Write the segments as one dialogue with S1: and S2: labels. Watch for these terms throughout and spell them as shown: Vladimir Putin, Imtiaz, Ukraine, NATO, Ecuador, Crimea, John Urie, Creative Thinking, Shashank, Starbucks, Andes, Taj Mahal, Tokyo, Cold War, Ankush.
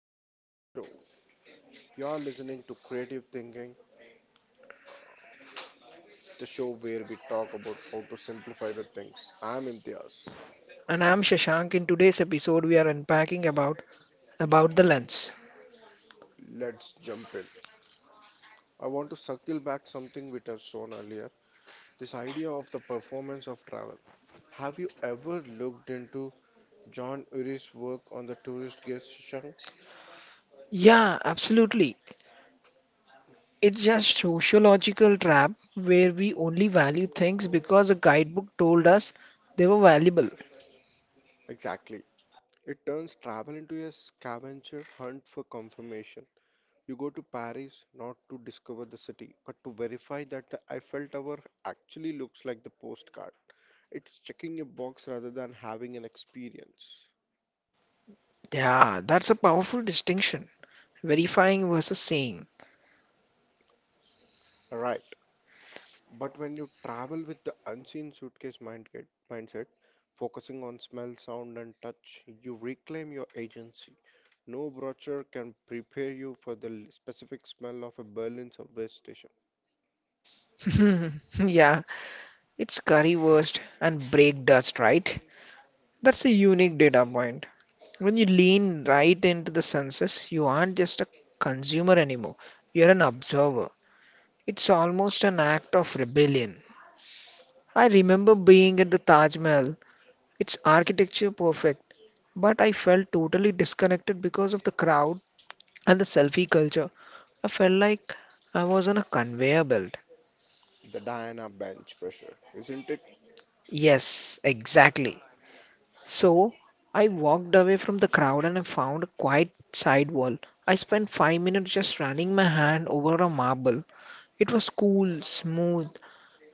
S1: Welcome to the show. You're listening to Creative Thinking, the show where we talk about how to simplify the things. I'm Imtiaz.
S2: And I'm Shashank. In today's episode, we are unpacking about the lens.
S1: Let's jump in. I want to circle back something we touched on earlier, this idea of the performance of travel. Have you ever looked into John Urie's work on the tourist guest shunk?
S2: Yeah, absolutely. It's just sociological trap where we only value things because a guidebook told us they were valuable.
S1: Exactly. It turns travel into a scavenger hunt for confirmation. You go to Paris not to discover the city, but to verify that the Eiffel Tower actually looks like the postcard. It's checking a box rather than having an experience.
S2: Yeah, that's a powerful distinction. Verifying versus saying.
S1: Right. But when you travel with the unseen suitcase mindset, focusing on smell, sound, and touch, you reclaim your agency. No brochure can prepare you for the specific smell of a Berlin subway station.
S2: Yeah, it's currywurst and break dust, right? That's a unique data point. When you lean right into the senses, you aren't just a consumer anymore. You're an observer. It's almost an act of rebellion. I remember being at the Taj Mahal, its architecture perfect, but I felt totally disconnected because of the crowd and the selfie culture. I felt like I was on a conveyor belt.
S1: The Diana bench pressure, isn't it?
S2: Yes, exactly. So I walked away from the crowd and I found a quiet side wall. I spent 5 minutes just running my hand over a marble. It was cool, smooth,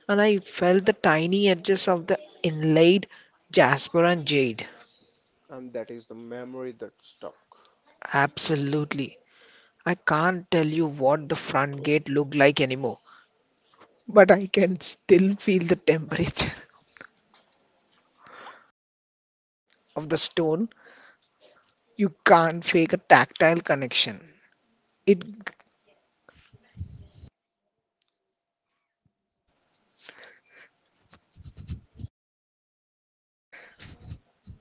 S2: and I felt the tiny edges of the inlaid jasper and jade.
S1: And that is the memory that stuck.
S2: Absolutely. I can't tell you what the front gate looked like anymore, but I can still feel the temperature of the stone. You can't fake a tactile connection. It,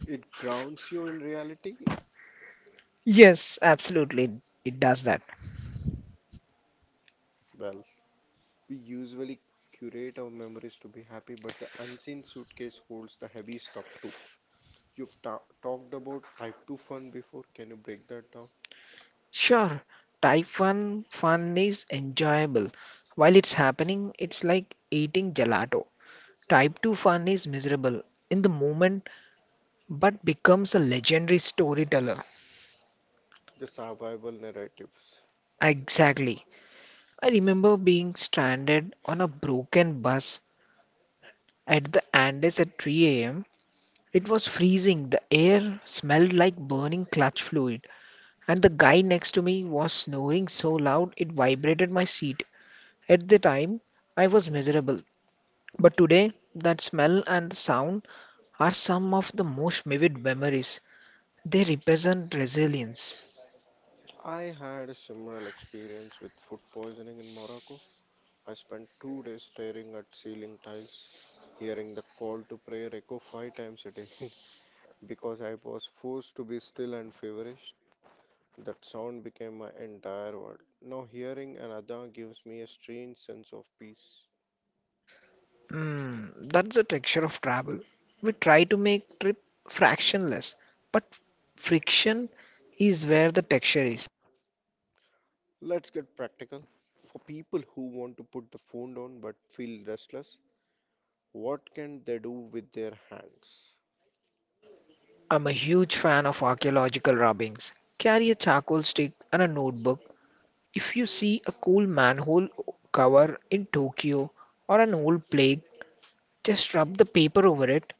S1: It grounds you in reality.
S2: yes, absolutely, it does that.
S1: Well, we usually curate our memories to be happy, but the unseen suitcase holds the heavy stuff too. You've ta talked about type 2 fun before. Can you break that down?
S2: Sure, Typhoon fun is enjoyable. While it's happening, it's like eating gelato. Type 2 fun is miserable. In the moment, but becomes a legendary storyteller.
S1: The survival narratives.
S2: Exactly. I remember being stranded on a broken bus at the Andes at 3 a.m. It was freezing, the air smelled like burning clutch fluid, and the guy next to me was snoring so loud it vibrated my seat. At the time, I was miserable. But today, that smell and the sound are some of the most vivid memories. They represent resilience.
S1: I had a similar experience with food poisoning in Morocco. I spent 2 days staring at ceiling tiles, hearing the call to prayer echo five times a day because I was forced to be still and feverish. That sound became my entire world. Now, hearing an adhan gives me a strange sense of peace.
S2: Mm, that's the texture of travel. We try to make trip fractionless, but friction is where the texture is.
S1: Let's get practical. For people who want to put the phone down but feel restless, what can they do with their hands?
S2: I'm a huge fan of archaeological rubbings. Carry a charcoal stick and a notebook. If you see a cool manhole cover in Tokyo or an old plague, just rub the paper over it.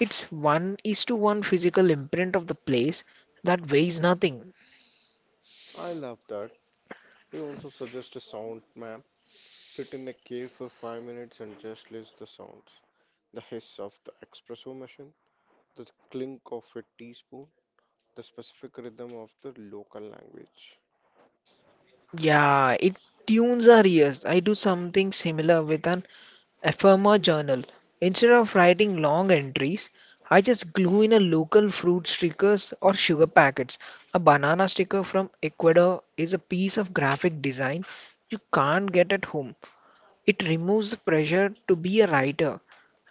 S2: It's one is to one physical imprint of the place that weighs nothing.
S1: I love that. We also suggest a sound map. Sit in a cave for 5 minutes and just list the sounds, the hiss of the espresso machine, the clink of a teaspoon, the specific rhythm of the local language.
S2: Yeah, it tunes our ears. I do something similar with an ephemera journal. Instead of writing long entries, I just glue in a local fruit stickers or sugar packets. A banana sticker from Ecuador is a piece of graphic design you can't get at home. It removes the pressure to be a writer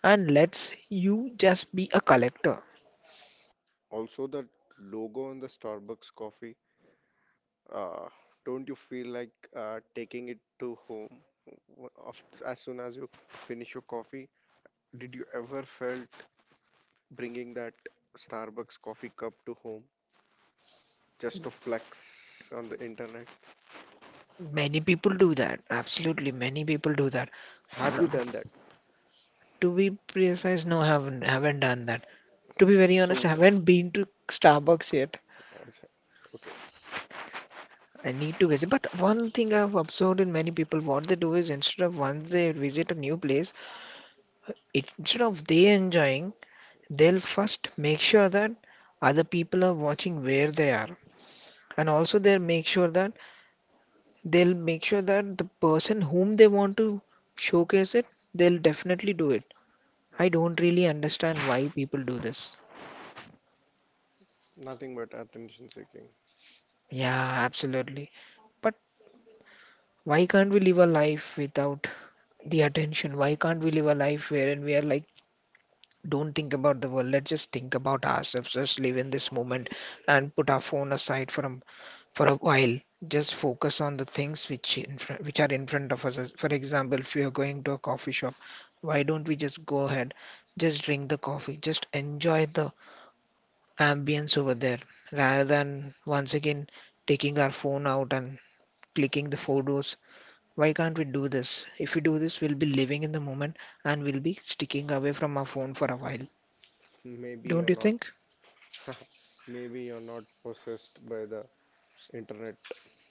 S2: and lets you just be a collector.
S1: Also, the logo on the Starbucks coffee, uh, don't you feel like taking it to home as soon as you finish your coffee? Did you ever felt bringing that Starbucks coffee cup to home just to flex on the internet?
S2: Many people do that. Absolutely, many people do that.
S1: Have you
S2: No,
S1: done that?
S2: to be precise, no, haven't done that. To be very honest,
S1: So,
S2: I haven't been to Starbucks yet.
S1: Acha, okay,
S2: I need to visit. But one thing I've observed in many people, what they do is instead of once they visit a new place, it, instead of they enjoying, they'll first make sure that other people are watching where they are. And also they'll make sure that the person whom they want to showcase it, they'll definitely do it. I don't really understand why people do this.
S1: nothing but attention seeking.
S2: Yeah, absolutely. But why can't we live a life without the attention. Why can't we live a life wherein we are like, don't think about the world. Let's just think about ourselves. Just live in this moment and put our phone aside for a while. Just focus on the things which which are in front of us. For example, if we are going to a coffee shop, why don't we just go ahead, just drink the coffee, just enjoy the ambience over there, rather than once again taking our phone out and clicking the photos why can't we do this? If we do this, we'll be living in the moment and we'll be sticking away from our phone for a while.
S1: Maybe
S2: Don't
S1: you're
S2: you
S1: not,
S2: think?
S1: maybe you're not possessed by the internet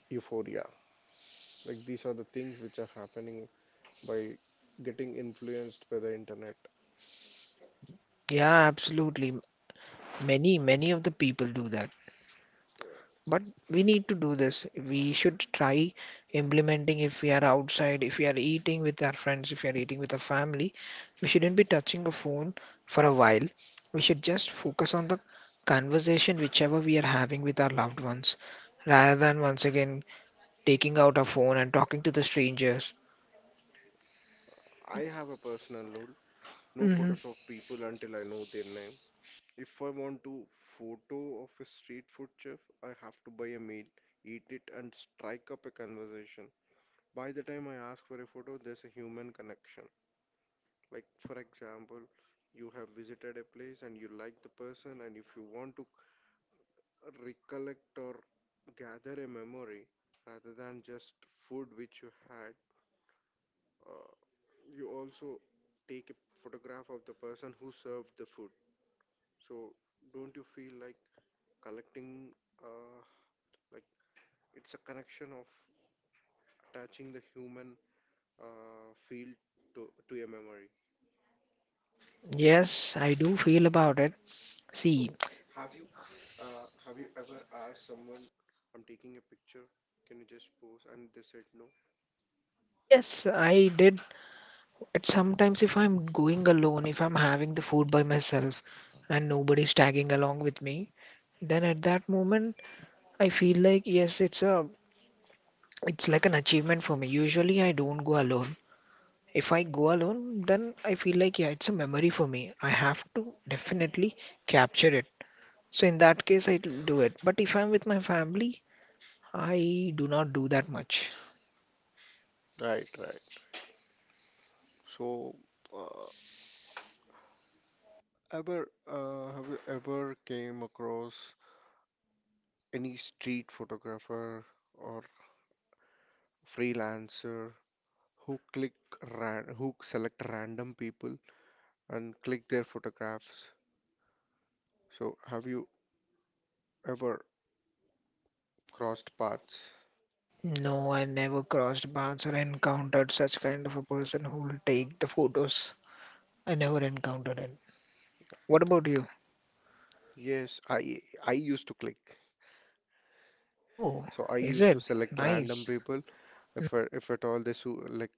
S1: euphoria. Like these are the things which are happening by getting influenced by the internet.
S2: Yeah, absolutely. Many, many of the people do that. But we need to do this. We should try implementing if we are outside, if we are eating with our friends, if we are eating with our family. We shouldn't be touching a phone for a while. We should just focus on the conversation whichever we are having with our loved ones rather than once again taking out our phone and talking to the strangers.
S1: I have a personal rule, no
S2: Mhm.
S1: photos of people until I know their name. If I want to photo of a street food chef, I have to buy a meal, eat it, and strike up a conversation. By the time I ask for a photo, there's a human connection. Like, for example, you have visited a place and you like the person, and if you want to recollect or gather a memory rather than just food which you had. uh, you also take a photograph of the person who served the food. So don't you feel like collecting, uh, like it's a connection of attaching the human feel to a memory.
S2: Yes, I do feel about it.
S1: So
S2: See,
S1: have you have you ever asked someone, I'm taking a picture, can you just pose? And they said no.
S2: yes, I did it sometimes if I'm going alone, if I'm having the food by myself and nobody's tagging along with me, then at that moment I feel like yes, it's like an achievement for me. Usually I don't go alone. If I go alone, then I feel like yeah, it's a memory for me. I have to definitely capture it. So in that case, I do it. But if I'm with my family, I do not do that much.
S1: Right, right. So, uh, ever have you ever came across any street photographer or freelancer who click who select random people and click their photographs. So have you ever crossed paths?
S2: No, I never crossed paths or encountered such kind of a person who will take the photos. I never encountered it. What about you?
S1: Yes, I used to click.
S2: Oh,
S1: So I
S2: is
S1: used to
S2: it?
S1: select random
S2: Nice.
S1: people if if at all they suit like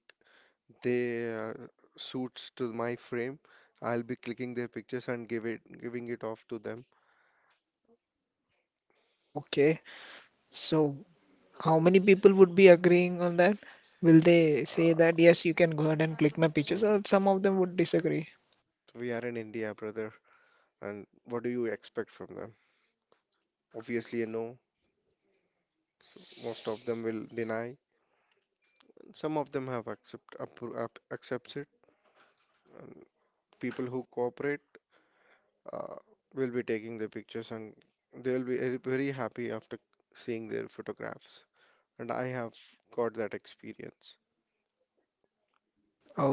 S1: they suits to my frame, I'll be clicking their pictures and give it giving it off to them.
S2: Okay. So, how many people would be agreeing on that? Will they say
S1: Uh,
S2: that, yes, you can go ahead and click my pictures,
S1: so
S2: or some of them would disagree?
S1: we are in India, brother. And what do you expect from them? Obviously, you know. So most of them will deny. Some of them have accepts it. And people who cooperate uh, will be taking the pictures, and they'll be very very happy after seeing their photographs. And I have got that experience.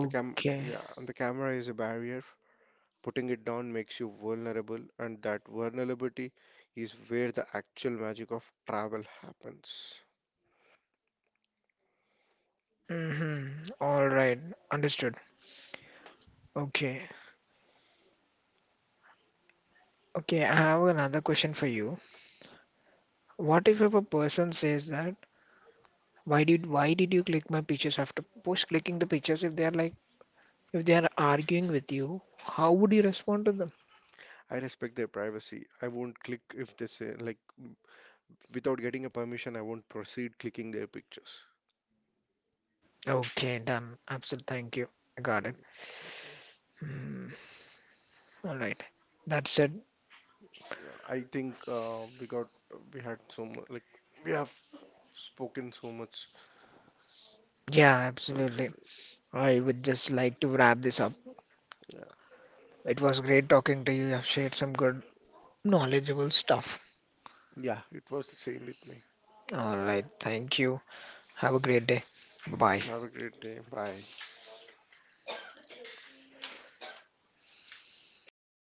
S1: The cam, yeah, and the camera is a barrier. Putting it down makes you vulnerable, and that vulnerability is where the actual magic of travel happens.
S2: Mm-hmm. All right. Understood. Okay. Okay, I have another question for you. What if a person says that, why did you click my pictures after post clicking the pictures if they are like if they are arguing with you, how would you respond to them?
S1: I respect their privacy. I won't click if they say like, without getting a permission, I won't proceed clicking their pictures.
S2: Okay, done. Absolutely, thank you. I got it. Hmm. All right. That's it.
S1: I think we got we had so much, like, we have spoken so much
S2: Yeah,
S1: on
S2: absolutely.
S1: this.
S2: I would just like to wrap this up.
S1: Yeah,
S2: It was great talking to you. You have shared some good knowledgeable stuff.
S1: yeah, it was the same with me.
S2: All right, thank you. Have a great day. Bye.
S1: Have a great day. Bye.